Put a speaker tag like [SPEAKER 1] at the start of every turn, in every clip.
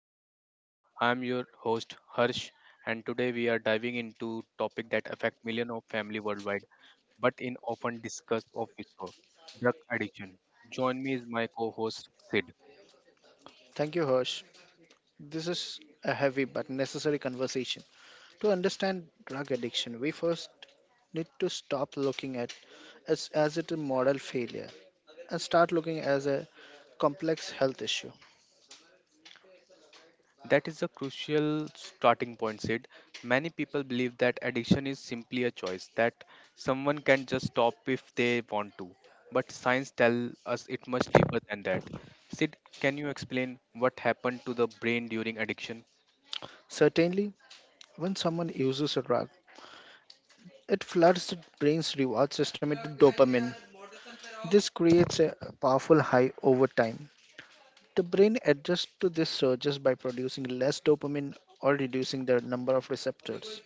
[SPEAKER 1] podcast. I'm your host Harsh, and today we are diving into topic that affect millions of family worldwide, but in often discussed of whisper, drug addiction. Join me is my co-host Sid.
[SPEAKER 2] Thank you, Harsh. This is a heavy but necessary conversation. To understand drug addiction, we first need to stop looking at it as it a model failure and start looking as a complex health issue.
[SPEAKER 1] That is a crucial starting point, Sid. Many people believe that addiction is simply a choice, that someone can just stop if they want to. But science tells us it much deeper than that. Sid, can you explain what happened to the brain during addiction?
[SPEAKER 2] Certainly, when someone uses a drug, it floods the brain's reward system with dopamine. This creates a powerful high over time. The brain adjusts to these surges by producing less dopamine or reducing the number of receptors.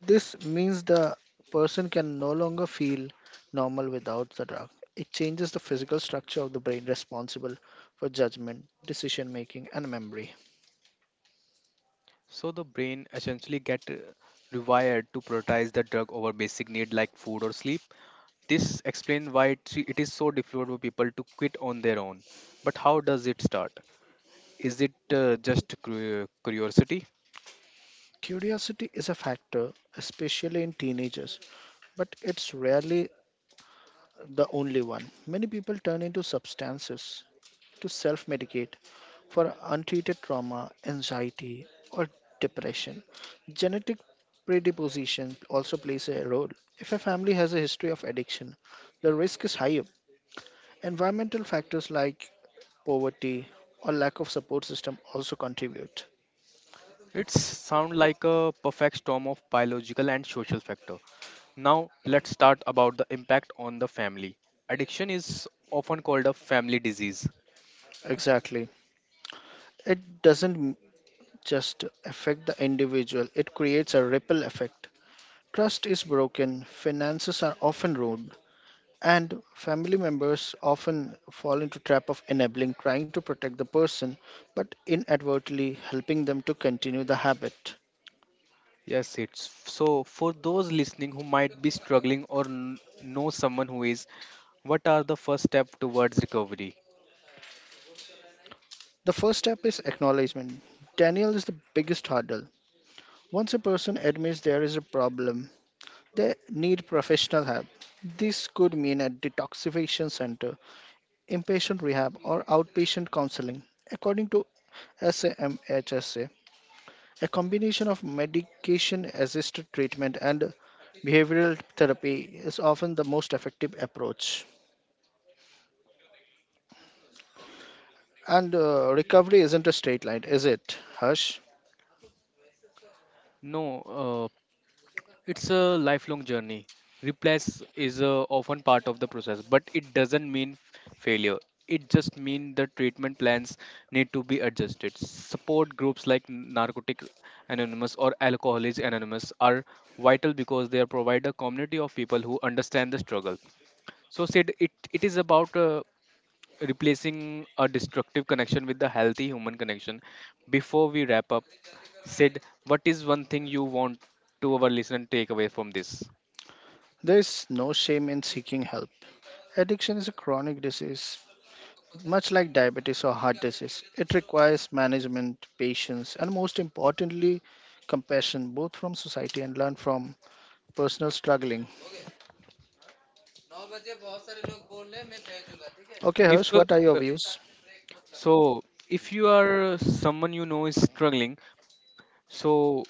[SPEAKER 2] This means the person can no longer feel normal without the drug. It changes the physical structure of the brain responsible for judgment, decision making, and memory.
[SPEAKER 1] So the brain essentially get rewired to prioritize the drug over basic need like food or sleep. This explains why it is so difficult for people to quit on their own. But how does it start? Is it just curiosity?
[SPEAKER 2] Curiosity is a factor, especially in teenagers, but it's rarely the only one. Many people turn into substances to self medicate for untreated trauma, anxiety, or depression. Genetic predisposition also plays a role. If a family has a history of addiction, the risk is higher. Environmental factors like poverty or lack of support system also contribute.
[SPEAKER 1] It sounds like a perfect storm of biological and social factor. Now let's start about the impact on the family. Addiction is often called a family disease.
[SPEAKER 2] Exactly. It doesn't just affect the individual, it creates a ripple effect. Trust is broken, finances are often ruined, and family members often fall into trap of enabling, trying to protect the person, but inadvertently helping them to continue the habit.
[SPEAKER 1] Yes, it's so for those listening who might be struggling or know someone who is, what are the first step towards recovery?
[SPEAKER 2] The first step is acknowledgement. Daniel is the biggest hurdle. Once a person admits there is a problem, they need professional help. This could mean a detoxification center, inpatient rehab, or outpatient counseling, according to SAMHSA. A combination of medication assisted treatment and behavioral therapy is often the most effective approach. And recovery isn't a straight line, is it, Hush?
[SPEAKER 1] No, it's a lifelong journey. Replace is often part of the process, but it doesn't mean failure. It just means the treatment plans need to be adjusted. Support groups like Narcotics Anonymous or Alcoholics Anonymous are vital because they provide a community of people who understand the struggle. So said it is about replacing a destructive connection with the healthy human connection. Before we wrap up, Sid, what is one thing you want to our listener to take away from this?
[SPEAKER 2] There's no shame in seeking help. Addiction is a chronic disease, much like diabetes or heart disease. It requires management, patience, and most importantly, compassion, both from society and learn from personal struggling. Okay,
[SPEAKER 1] If
[SPEAKER 2] Hush,
[SPEAKER 1] uh,
[SPEAKER 2] what are your
[SPEAKER 1] uh,
[SPEAKER 2] views?
[SPEAKER 1] so, if you are someone you know is struggling, so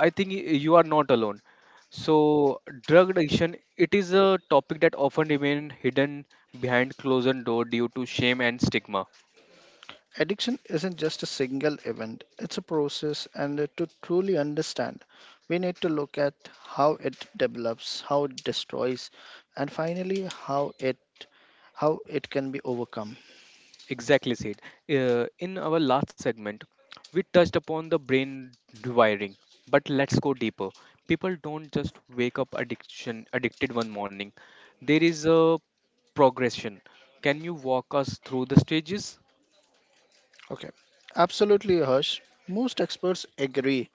[SPEAKER 1] I think you are not alone. So, drug addiction, it is a topic that often remain hidden behind closed door due to shame and stigma.
[SPEAKER 2] Addiction isn't just a single event, it's a process, and to truly understand, we need to look at how it develops, how it destroys, and finally how it how it can be overcome.
[SPEAKER 1] Exactly, Sid. In our last segment, we touched upon the brain rewiring, but let's go deeper. People don't just wake up addiction addicted one morning. There is a progression. Can you walk us through the stages
[SPEAKER 2] Okay. Absolutely, Harsh. Most experts agree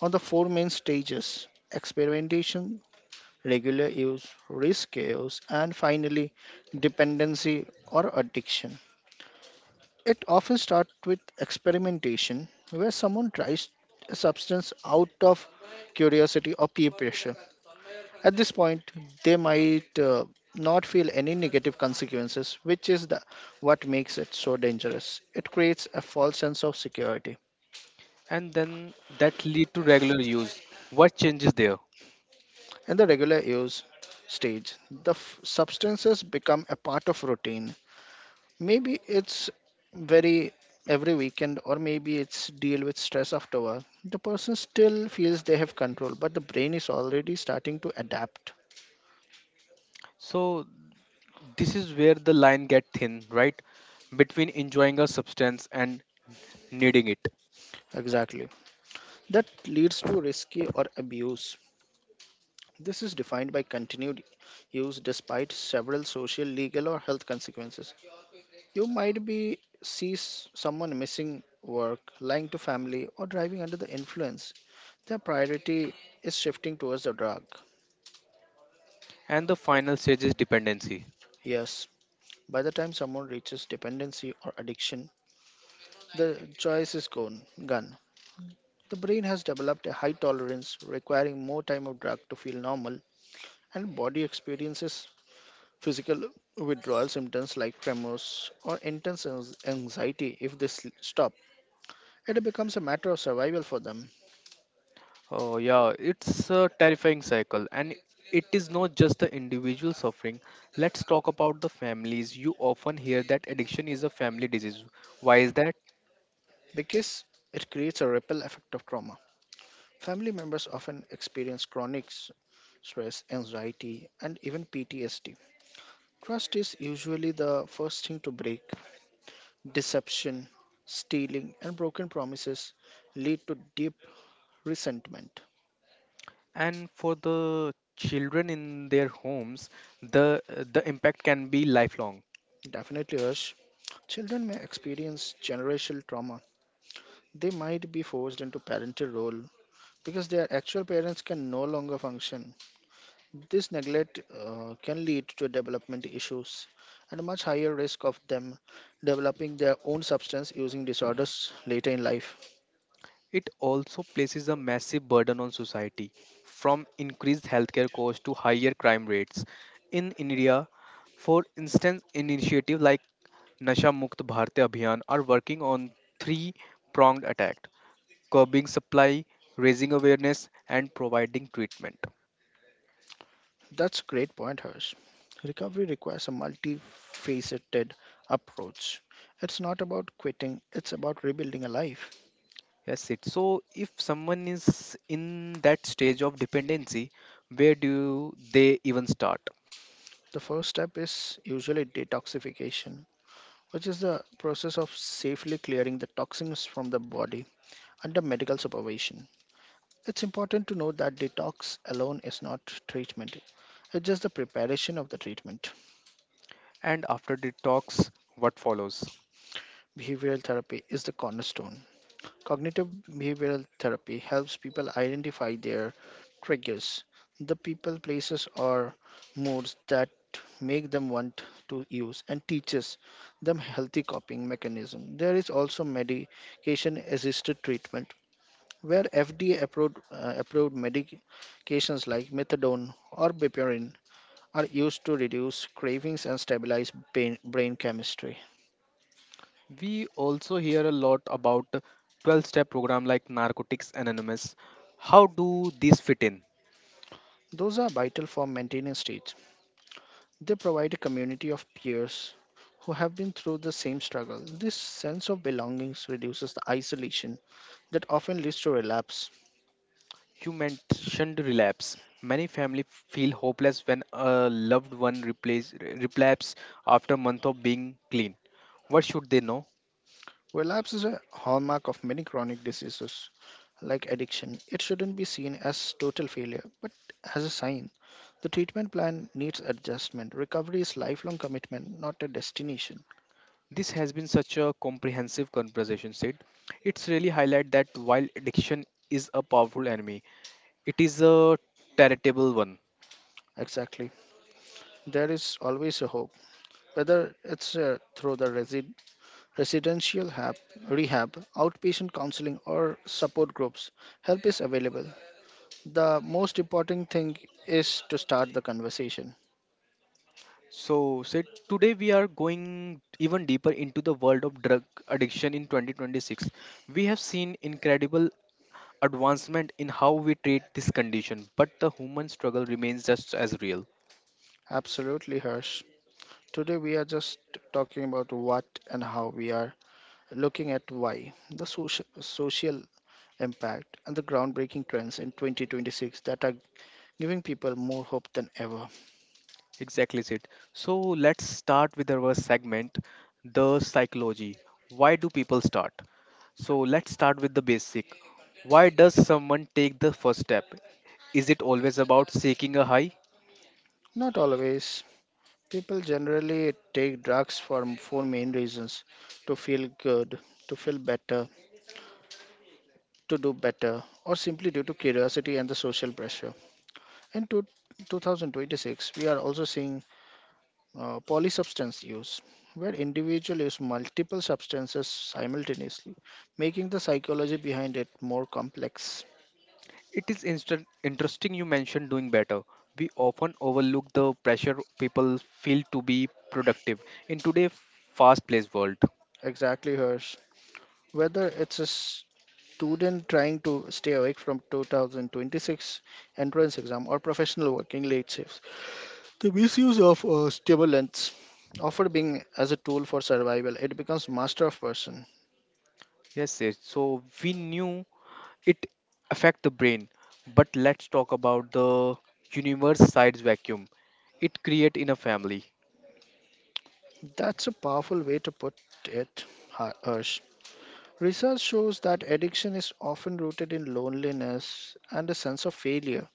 [SPEAKER 2] on the four main stages: experimentation, regular use, risk use, and finally dependency or addiction. It often starts with experimentation, where someone tries a substance out of curiosity or peer pressure. At this point, they might not feel any negative consequences, which is what makes it so dangerous. It creates a false sense of security.
[SPEAKER 1] and then that lead to regular use? What changes there?
[SPEAKER 2] In the regular use stage, the substances become a part of routine. Maybe it's very every weekend, or maybe it's deal with stress after work. The person still feels they have control, but the brain is already starting to adapt.
[SPEAKER 1] So this is where the line get thin, right? Between enjoying a substance and needing it.
[SPEAKER 2] Exactly. That leads to risky or abuse. This is defined by continued use despite several social, legal, or health consequences. You might be someone missing work, lying to family, or driving under the influence. Their priority is shifting towards the drug.
[SPEAKER 1] And the final stage is dependency.
[SPEAKER 2] Yes. By the time someone reaches dependency or addiction, the choice is gone. The brain has developed a high tolerance, requiring more time of drug to feel normal, and body experiences physical withdrawal symptoms like tremors or intense anxiety if they stop. It becomes a matter of survival for them
[SPEAKER 1] Oh, yeah, it's a terrifying cycle, and it is not just the individual suffering. Let's talk about the families. You often hear that addiction is a family disease. Why is that?
[SPEAKER 2] because it creates a ripple effect of trauma. Family members often experience chronic stress, anxiety, and even PTSD. Trust is usually the first thing to break. Deception, stealing, and broken promises lead to deep resentment.
[SPEAKER 1] And for the children in their homes, the the impact can be lifelong.
[SPEAKER 2] Definitely, Harsh. Children may experience generational trauma. They might be forced into parental role because their actual parents can no longer function. This neglect can lead to development issues and a much higher risk of them developing their own substance using disorders later in life.
[SPEAKER 1] It also places a massive burden on society, from increased healthcare costs to higher crime rates. In India, for instance, initiatives like Nasha Mukt Bharat Abhiyan are working on three pronged attack curbing supply, raising awareness, and providing treatment.
[SPEAKER 2] That's a great point, Harsh. Recovery requires a multifaceted approach. It's not about quitting, it's about rebuilding a life.
[SPEAKER 1] Yes, it. So, if someone is in that stage of dependency, where do they even start?
[SPEAKER 2] The first step is usually detoxification, which is the process of safely clearing the toxins from the body under medical supervision. It's important to know that detox alone is not treatment, it's just the preparation of the treatment.
[SPEAKER 1] And after detox, what follows?
[SPEAKER 2] Behavioral therapy is the cornerstone. Cognitive behavioral therapy helps people identify their triggers, the people, places, or moods that make them want to use, and teaches them healthy coping mechanism. There is also medication assisted treatment where FDA approved, approved medications like methadone or bupivacaine are used to reduce cravings and stabilize brain chemistry.
[SPEAKER 1] We also hear a lot about 12 step program like Narcotics Anonymous. How do these fit in?
[SPEAKER 2] Those are vital for maintaining state. They provide a community of peers who have been through the same struggle. This sense of belonging reduces the isolation that often leads to relapse.
[SPEAKER 1] You mentioned relapse. Many families feel hopeless when a loved one replace, relapse after a month of being clean. What should they know?
[SPEAKER 2] Relapse is a hallmark of many chronic diseases like addiction. It shouldn't be seen as total failure, but as a sign. The treatment plan needs adjustment. Recovery is lifelong commitment, not a destination.
[SPEAKER 1] This has been such a comprehensive conversation, Sid. It's really highlight that while addiction is a powerful enemy, it is a charitable one.
[SPEAKER 2] Exactly. There is always a hope, whether it's through the residential hab, rehab, outpatient counseling, or support groups, help is available. The most important thing is to start the conversation.
[SPEAKER 1] So, Sid, today we are going even deeper into the world of drug addiction in 2026. We have seen incredible advancement in how we treat this condition, but the human struggle remains just as real.
[SPEAKER 2] Absolutely, Harsh. Today, we are just talking about what and how. We are looking at why, the social impact, and the groundbreaking trends in 2026 that are giving people more hope than ever.
[SPEAKER 1] Exactly, Sid. So, let's start with our segment, the psychology. Why do people start? So, let's start with the basic. Why does someone take the first step? Is it always about seeking a high?
[SPEAKER 2] Not always. People generally take drugs for four main reasons: to feel good, to feel better, to do better, or simply due to curiosity and the social pressure. In 2026, we are also seeing polysubstance use, where individuals use multiple substances simultaneously, making the psychology behind it more complex.
[SPEAKER 1] It is interesting you mentioned doing better. We often overlook the pressure people feel to be productive in today's fast-paced world.
[SPEAKER 2] Exactly, Hirsch. Whether it's a student trying to stay awake from 2026 entrance exam or professional working late shifts, the misuse of stimulants, often being as a tool for survival, it becomes master of person.
[SPEAKER 1] Yes, yes. So we knew it affect the brain, but let's talk about the universe size vacuum it create in a family.
[SPEAKER 2] That's a powerful way to put it, Harsh. Research shows that addiction is often rooted in loneliness and a sense of failure.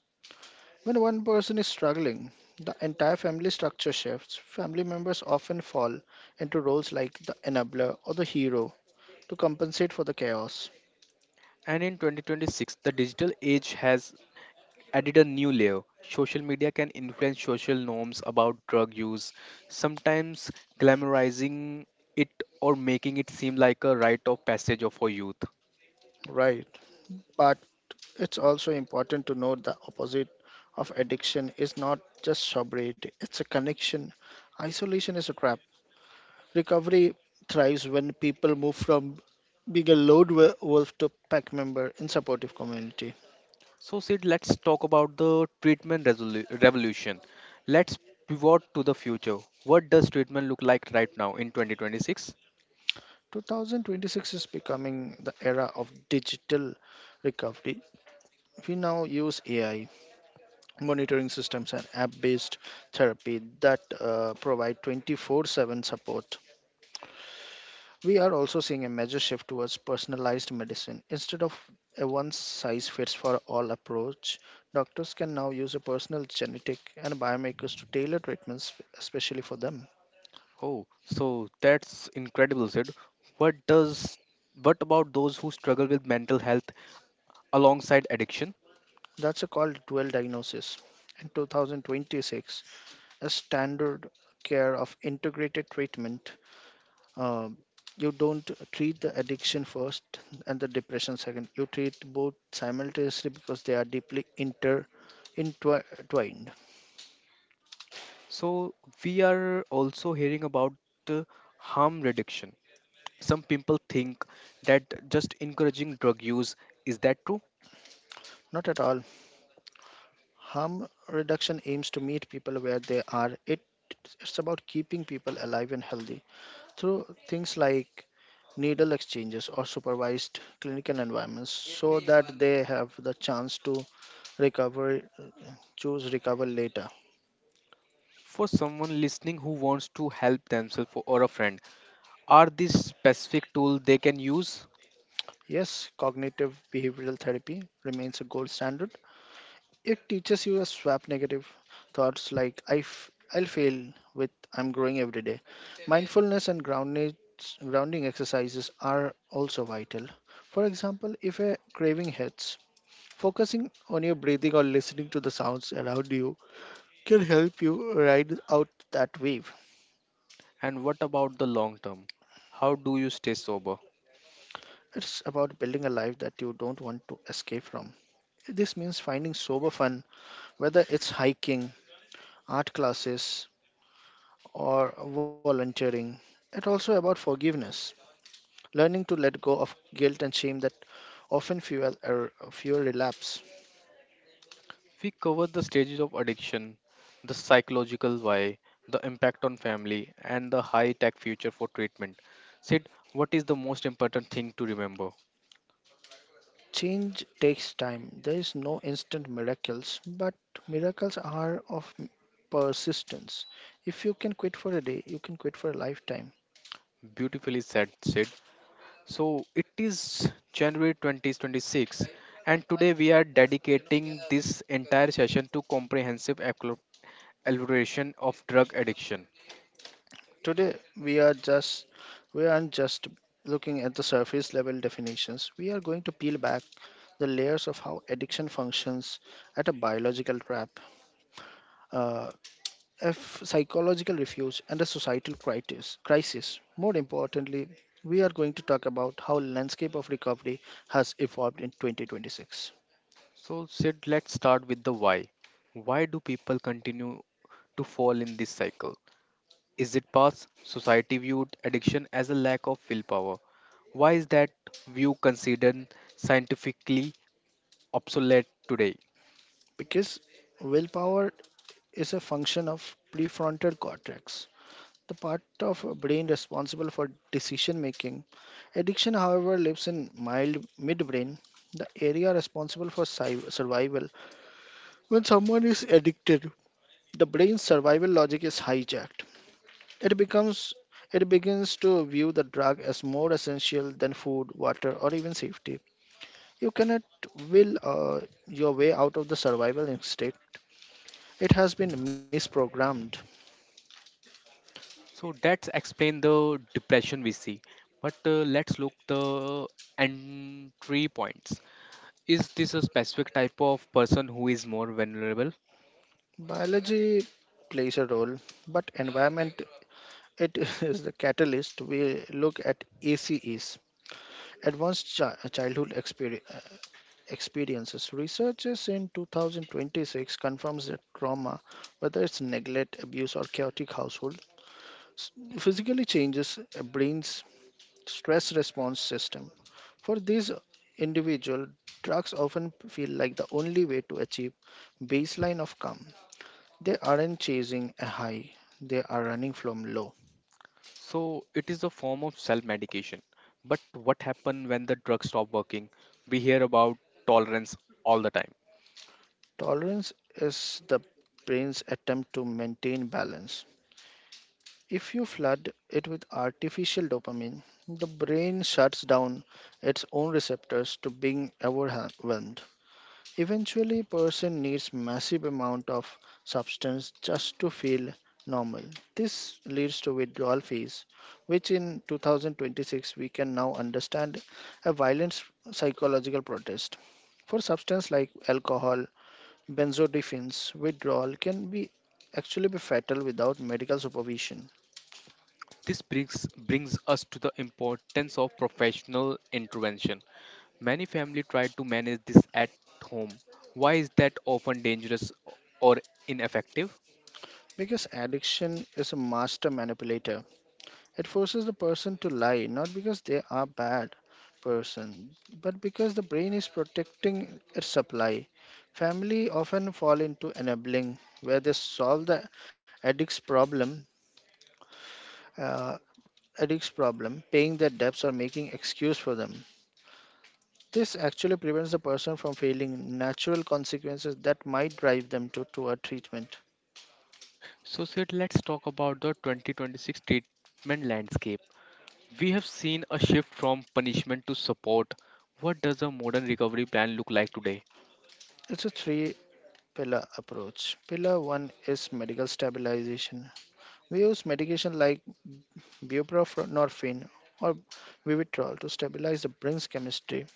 [SPEAKER 2] When one person is struggling, the entire family structure shifts. Family members often fall into roles like the enabler or the hero to compensate for the chaos.
[SPEAKER 1] And in 2026, the digital age has added a new layer. Social media can influence social norms about drug use, sometimes glamorizing it or making it seem like a rite of passage of for youth.
[SPEAKER 2] Right. But it's also important to note the opposite of addiction is not just sobriety, it's a connection. Isolation is a trap. Recovery thrives when people move from being a load wolf to pack member in supportive community.
[SPEAKER 1] So, Sid, let's talk about the treatment revolution. Let's pivot to the future. What does treatment look like right now in 2026?
[SPEAKER 2] 2026 is becoming the era of digital recovery. We now use AI, monitoring systems, and app based therapy that provide 24/7 support. We are also seeing a major shift towards personalized medicine. Instead of a one size fits for all approach, doctors can now use a personal genetic and biomarkers to tailor treatments especially for them.
[SPEAKER 1] Oh, so that's incredible, Sid. What does what about those who struggle with mental health alongside addiction?
[SPEAKER 2] That's a called dual diagnosis. In 2026, a standard care of integrated treatment, uh, you don't treat the addiction first and the depression second. You treat both simultaneously because they are deeply intertwined.
[SPEAKER 1] So, we are also hearing about uh, harm reduction. Some people think that just encouraging drug use is that true?
[SPEAKER 2] Not at all. Harm reduction aims to meet people where they are. It's about keeping people alive and healthy through things like needle exchanges or supervised clinical environments so that they have the chance to recover, choose recover later.
[SPEAKER 1] For someone listening who wants to help themselves or a friend, are these specific tools they can use?
[SPEAKER 2] Yes, cognitive behavioral therapy remains a gold standard. It teaches you to swap negative thoughts like I'll fail with I'm growing every day. Mindfulness and grounding exercises are also vital. For example, if a craving hits, focusing on your breathing or listening to the sounds around you can help you ride out that wave.
[SPEAKER 1] And what about the long term? How do you stay sober?
[SPEAKER 2] It's about building a life that you don't want to escape from. This means finding sober fun, whether it's hiking, art classes, or volunteering. It's also about forgiveness, learning to let go of guilt and shame that often fuel relapse.
[SPEAKER 1] We covered the stages of addiction, the psychological why, the impact on family, and the high tech future for treatment. Sid, what is the most important thing to remember?
[SPEAKER 2] Change takes time. There is no instant miracles, but miracles are of persistence. If you can quit for a day, you can quit for a lifetime.
[SPEAKER 1] Beautifully said, Sid. So it is January 2026, and today we are dedicating this entire session to comprehensive exploration of drug addiction.
[SPEAKER 2] Today we are just We aren't just looking at the surface level definitions. We are going to peel back the layers of how addiction functions at a biological trap, uh, if psychological refuse and a societal crisis. More importantly, we are going to talk about how landscape of recovery has evolved in 2026
[SPEAKER 1] So, Sid, let's start with the why. Why do people continue to fall in this cycle? Is it past society viewed addiction as a lack of willpower? Why is that view considered scientifically obsolete today?
[SPEAKER 2] because willpower is a function of prefrontal cortex, the part of a brain responsible for decision making. Addiction however lives in mild midbrain, the area responsible for survival. When someone is addicted, the brain's survival logic is hijacked. It becomes it begins to view the drug as more essential than food, water, or even safety. You cannot will your way out of the survival instinct. It has been misprogrammed.
[SPEAKER 1] So that's explain the depression we see. But let's look the entry points. Is this a specific type of person who is more vulnerable?
[SPEAKER 2] Biology plays a role, but environment it is the catalyst. We look at ACEs, Advanced Childhood Experiences. Researchers in 2026 confirms that trauma, whether it's neglect, abuse, or chaotic household, s- physically changes a brain's stress response system. For these individual, drugs often feel like the only way to achieve baseline of calm. They aren't chasing a high, they are running from low.
[SPEAKER 1] So it is a form of self-medication. But what happens when the drug stop working? We hear about tolerance all the time.
[SPEAKER 2] Tolerance is the brain's attempt to maintain balance. If you flood it with artificial dopamine, the brain shuts down its own receptors to being overwhelmed. Eventually, person needs massive amount of substance just to feel normal. This leads to withdrawal phase, which in 2026 we can now understand a violent psychological protest. For substance like alcohol, benzodiazepines, withdrawal can be actually be fatal without medical supervision
[SPEAKER 1] This brings us to the importance of professional intervention. Many family try to manage this at home. Why is that often dangerous or ineffective?
[SPEAKER 2] because addiction is a master manipulator. It forces the person to lie, not because they are bad person, but because the brain is protecting its supply. Family often fall into enabling, where they solve the addict's problem, uh, addict's problem, paying their debts or making excuse for them. This actually prevents the person from feeling natural consequences that might drive them to toward treatment.
[SPEAKER 1] So, Sid, let's talk about the 2026 treatment landscape. We have seen a shift from punishment to support. What does a modern recovery plan look like today?
[SPEAKER 2] It's a three pillar approach. Pillar one is medical stabilization. We use medication like buprenorphine or vivitrol to stabilize the brain's chemistry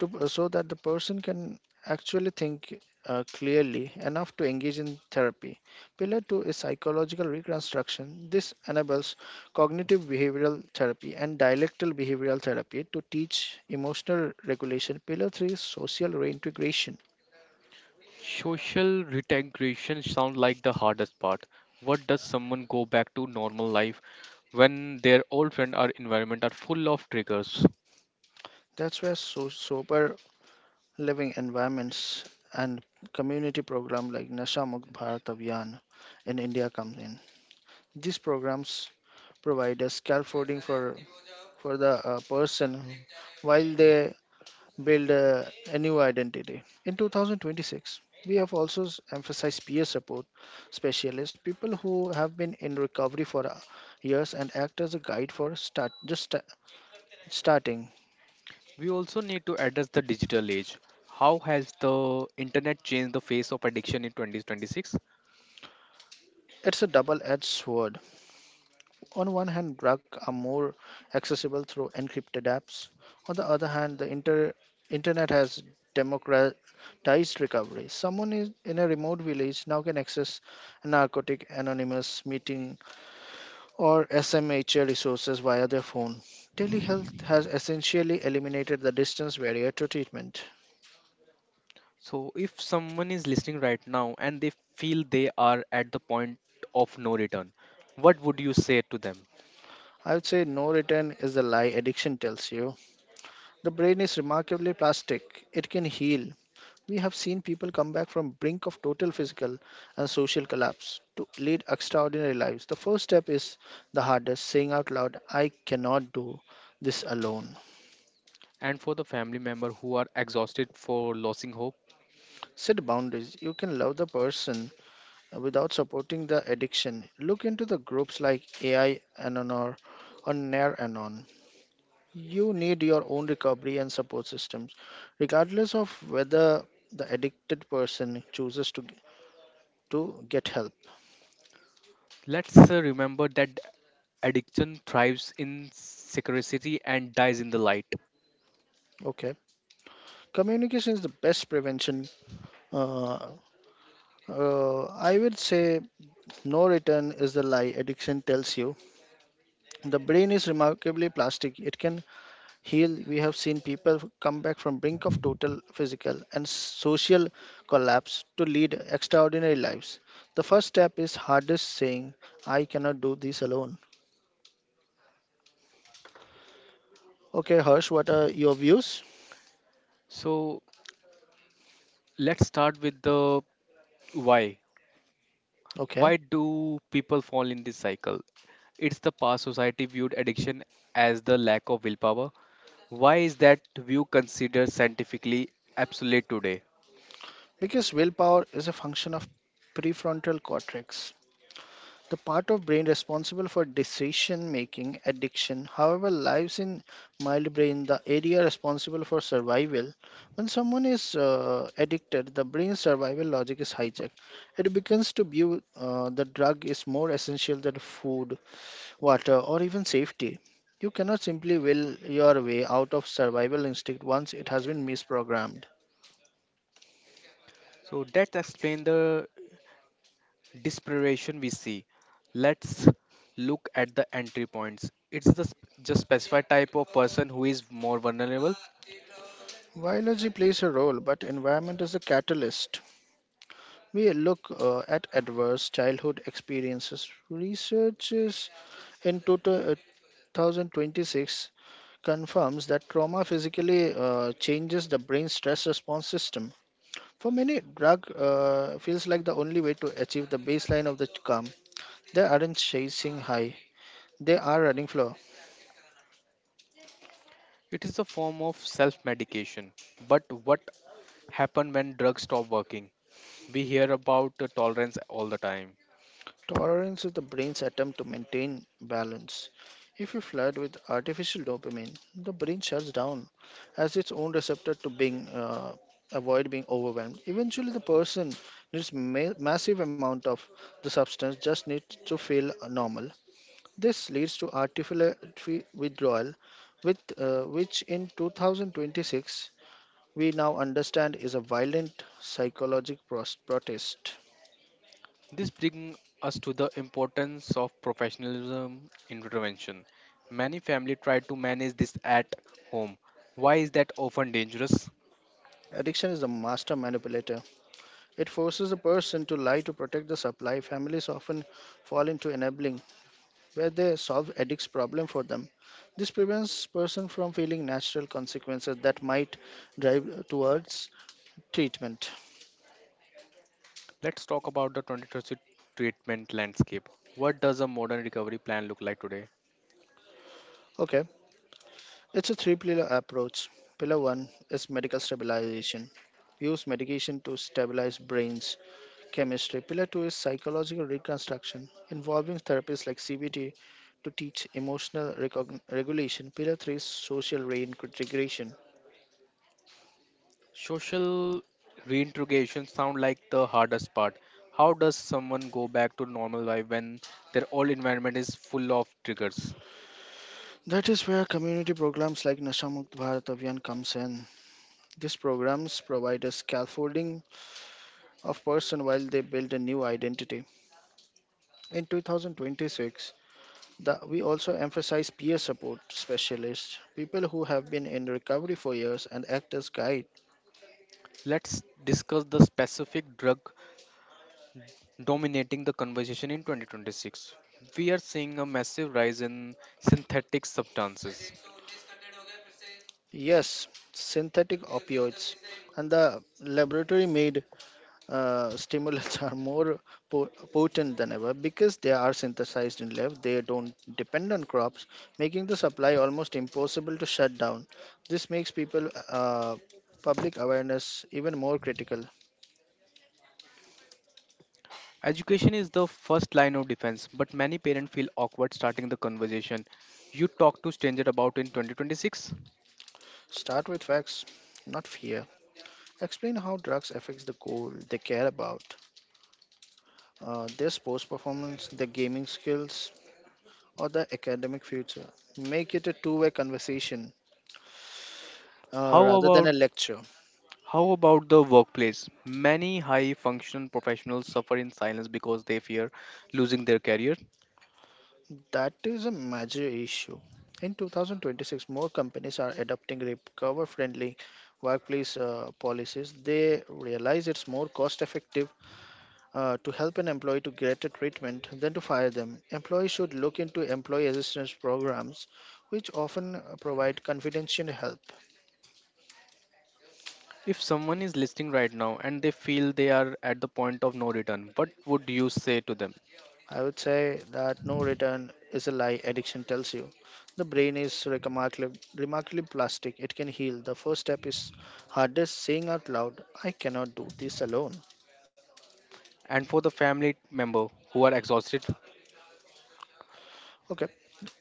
[SPEAKER 2] so that the person can actually think clearly enough to engage in therapy. Pillar 2 is psychological reconstruction. This enables cognitive behavioral therapy and dialectal behavioral therapy to teach emotional regulation. Pillar 3 is social reintegration.
[SPEAKER 1] Social reintegration sounds like the hardest part. What does someone go back to normal life when their old friend or environment are full of triggers?
[SPEAKER 2] That's where sober living environments, and community program like Nasha Mukt Bharat Abhiyan in India comes in. These programs provide a scaffolding for the person while they build a new identity. In 2026, we have also emphasized peer support specialists, people who have been in recovery for years and act as a guide for starting.
[SPEAKER 1] We also need to address the digital age. How has the internet changed the face of addiction in 2026?
[SPEAKER 2] It's a double-edged sword. On one hand, drugs are more accessible through encrypted apps. On the other hand, the internet has democratized recovery. Someone is in a remote village now can access narcotic anonymous meeting or SMHA resources via their phone. Telehealth has essentially eliminated the distance barrier to treatment.
[SPEAKER 1] So, if someone is listening right now and they feel they are at the point of no return, what would you say to them?
[SPEAKER 2] I would say no return is the lie addiction tells you. The brain is remarkably plastic. It can heal. We have seen people come back from brink of total physical and social collapse to lead extraordinary lives. The first step is the hardest, saying out loud, I cannot do this alone.
[SPEAKER 1] And for the family member who are exhausted for losing hope,
[SPEAKER 2] Set boundaries. You can love the person without supporting the addiction. Look into the groups like AI Anonor or Nair Anon. You need your own recovery and support systems, regardless of whether the addicted person chooses to get help.
[SPEAKER 1] let's remember that addiction thrives in secrecy and dies in the light.
[SPEAKER 2] Okay, communication is the best prevention. Uh, I would say no return is the lie addiction tells you. The brain is remarkably plastic. It can heal. We have seen people come back from brink of total physical and social collapse to lead extraordinary lives. The first step is hardest saying, I cannot do this alone. Okay, Harsh, what are your views?
[SPEAKER 1] So, let's start with the why.
[SPEAKER 2] Okay,
[SPEAKER 1] Why do people fall in this cycle? It's the past society viewed addiction as the lack of willpower, why is that view considered scientifically obsolete today?
[SPEAKER 2] because willpower is a function of prefrontal cortex. The part of brain responsible for decision making addiction, however, lies in mild brain, the area responsible for survival. When someone is addicted, the brain's survival logic is hijacked. It begins to view the drug is more essential than food, water, or even safety. You cannot simply will your way out of survival instinct once it has been misprogrammed.
[SPEAKER 1] So let's explain the dispersion we see. Let's look at the entry points. It's the just specified type of person who is more vulnerable.
[SPEAKER 2] Biology plays a role, but environment is a catalyst. We look at adverse childhood experiences. Researchers in total, 2026 confirms that trauma physically changes the brain's stress response system. For many, drug feels like the only way to achieve the baseline of the calm. They aren't chasing high; they are running flow.
[SPEAKER 1] It is a form of self-medication. But what happen when drugs stop working? We hear about the tolerance all the time.
[SPEAKER 2] Tolerance is the brain's attempt to maintain balance. If you flood with artificial dopamine, the brain shuts down as its own receptor to being avoid being overwhelmed. Eventually, the person needs massive amount of the substance just needs to feel normal. This leads to artificial withdrawal, with which in 2026 we now understand is a violent psychological protest.
[SPEAKER 1] This brings us to the importance of professionalism in prevention. Many families try to manage this at home. Why is that often dangerous?
[SPEAKER 2] Addiction is a master manipulator. It forces a person to lie to protect the supply. Families often fall into enabling, where they solve addicts' problem for them. This prevents person from feeling natural consequences that might drive towards treatment.
[SPEAKER 1] Let's talk about the 2023 treatment landscape. What does a modern recovery plan look like today?
[SPEAKER 2] Okay, it's a three-pillar approach. Pillar one is medical stabilization. Use medication to stabilize brains. Chemistry. Pillar 2 is psychological reconstruction, involving therapies like CBT to teach emotional regulation. Pillar 3 is social reintegration.
[SPEAKER 1] Social reintegration sound like the hardest part. How does someone go back to normal life when their old environment is full of triggers?
[SPEAKER 2] That is where community programs like Nasha Mukt Bharat Abhiyan comes in. These programs provide a scaffolding of person while they build a new identity. In 2026, we also emphasize peer support specialists, people who have been in recovery for years and act as guides.
[SPEAKER 1] Let's discuss the specific drug dominating the conversation in 2026. We are seeing a massive rise in synthetic substances.
[SPEAKER 2] Yes, synthetic opioids and the laboratory made stimulants are more potent than ever because they are synthesized in lab. They don't depend on crops, making the supply almost impossible to shut down. This makes people public awareness even more critical.
[SPEAKER 1] Education is the first line of defense, but many parents feel awkward starting the conversation you talk to stranger about in 2026.
[SPEAKER 2] Start with facts, not fear. Explain how drugs affects the goal they care about, their sports performance, their gaming skills, or the academic future. Make it a two way conversation
[SPEAKER 1] How
[SPEAKER 2] rather than
[SPEAKER 1] about
[SPEAKER 2] a lecture.
[SPEAKER 1] how about the workplace? Many high functional professionals suffer in silence because they fear losing their career.
[SPEAKER 2] That is a major issue. In 2026, more companies are adopting recover friendly workplace policies. They realize it's more cost effective to help an employee to get a treatment than to fire them. Employees should look into employee assistance programs, which often provide confidential help.
[SPEAKER 1] If someone is listening right now and they feel they are at the point of no return, what would you say to them?
[SPEAKER 2] I would say that no return is a lie addiction tells you. The brain is remarkably plastic. It can heal. The first step is hardest saying out loud, I cannot do this alone.
[SPEAKER 1] And for the family member who are exhausted.
[SPEAKER 2] Okay,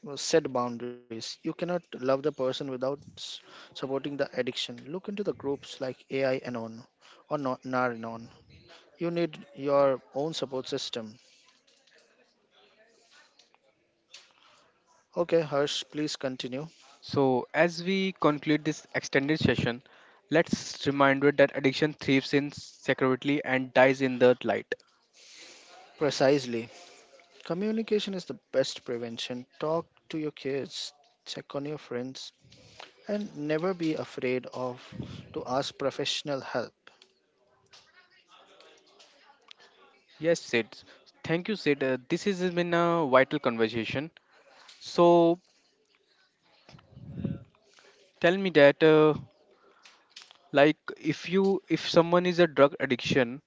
[SPEAKER 2] well, set boundaries. You cannot love the person without supporting the addiction. Look into the groups like AI Anon or Naranon. You need your own support system. Okay, Harsh, please continue.
[SPEAKER 1] So, as we conclude this extended session, let's reminder that addiction thrives in security and dies in the light.
[SPEAKER 2] Precisely. Communication is the best prevention. Talk to your kids, check on your friends, and never be afraid of to ask professional help.
[SPEAKER 1] Yes, Sid. Thank you, Sid. This has been a vital conversation. So, tell me that, like, if you if someone is a drug addiction,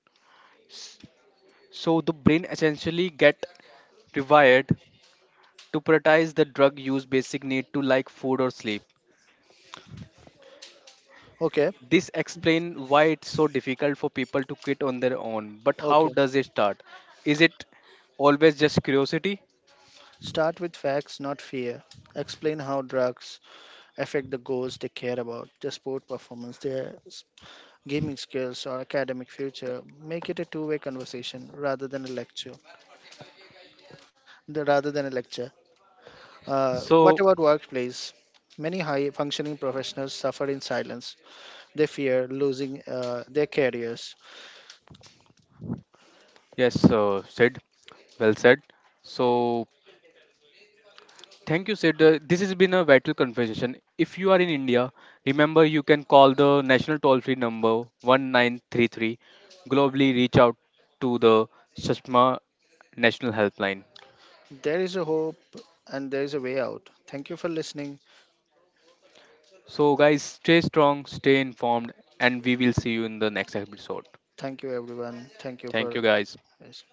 [SPEAKER 1] so the brain essentially get rewired to prioritize the drug use basic need to like food or sleep.
[SPEAKER 2] Okay,
[SPEAKER 1] This explains why it's so difficult for people to quit on their own. But how
[SPEAKER 2] okay.
[SPEAKER 1] does it start? Is it always just curiosity?
[SPEAKER 2] Start with facts, not fear. Explain how drugs affect the goals they care about, their sport performance, their gaming skills, or academic future. Make it a two-way conversation rather than a lecture. Rather than a lecture. Uh, what
[SPEAKER 1] So,
[SPEAKER 2] about workplace? Many high-functioning professionals suffer in silence. They fear losing their careers.
[SPEAKER 1] yes, Sid, well said. So, thank you, Sid. This has been a vital conversation. If you are in India, remember you can call the national toll free number 1933. Globally, reach out to the Shashma National Helpline.
[SPEAKER 2] There is a hope and there is a way out. Thank you for listening.
[SPEAKER 1] So, guys, stay strong, stay informed, and we will see you in the next episode.
[SPEAKER 2] Thank you, everyone. Thank you
[SPEAKER 1] Thank
[SPEAKER 2] for.
[SPEAKER 1] you, guys.
[SPEAKER 2] Yes.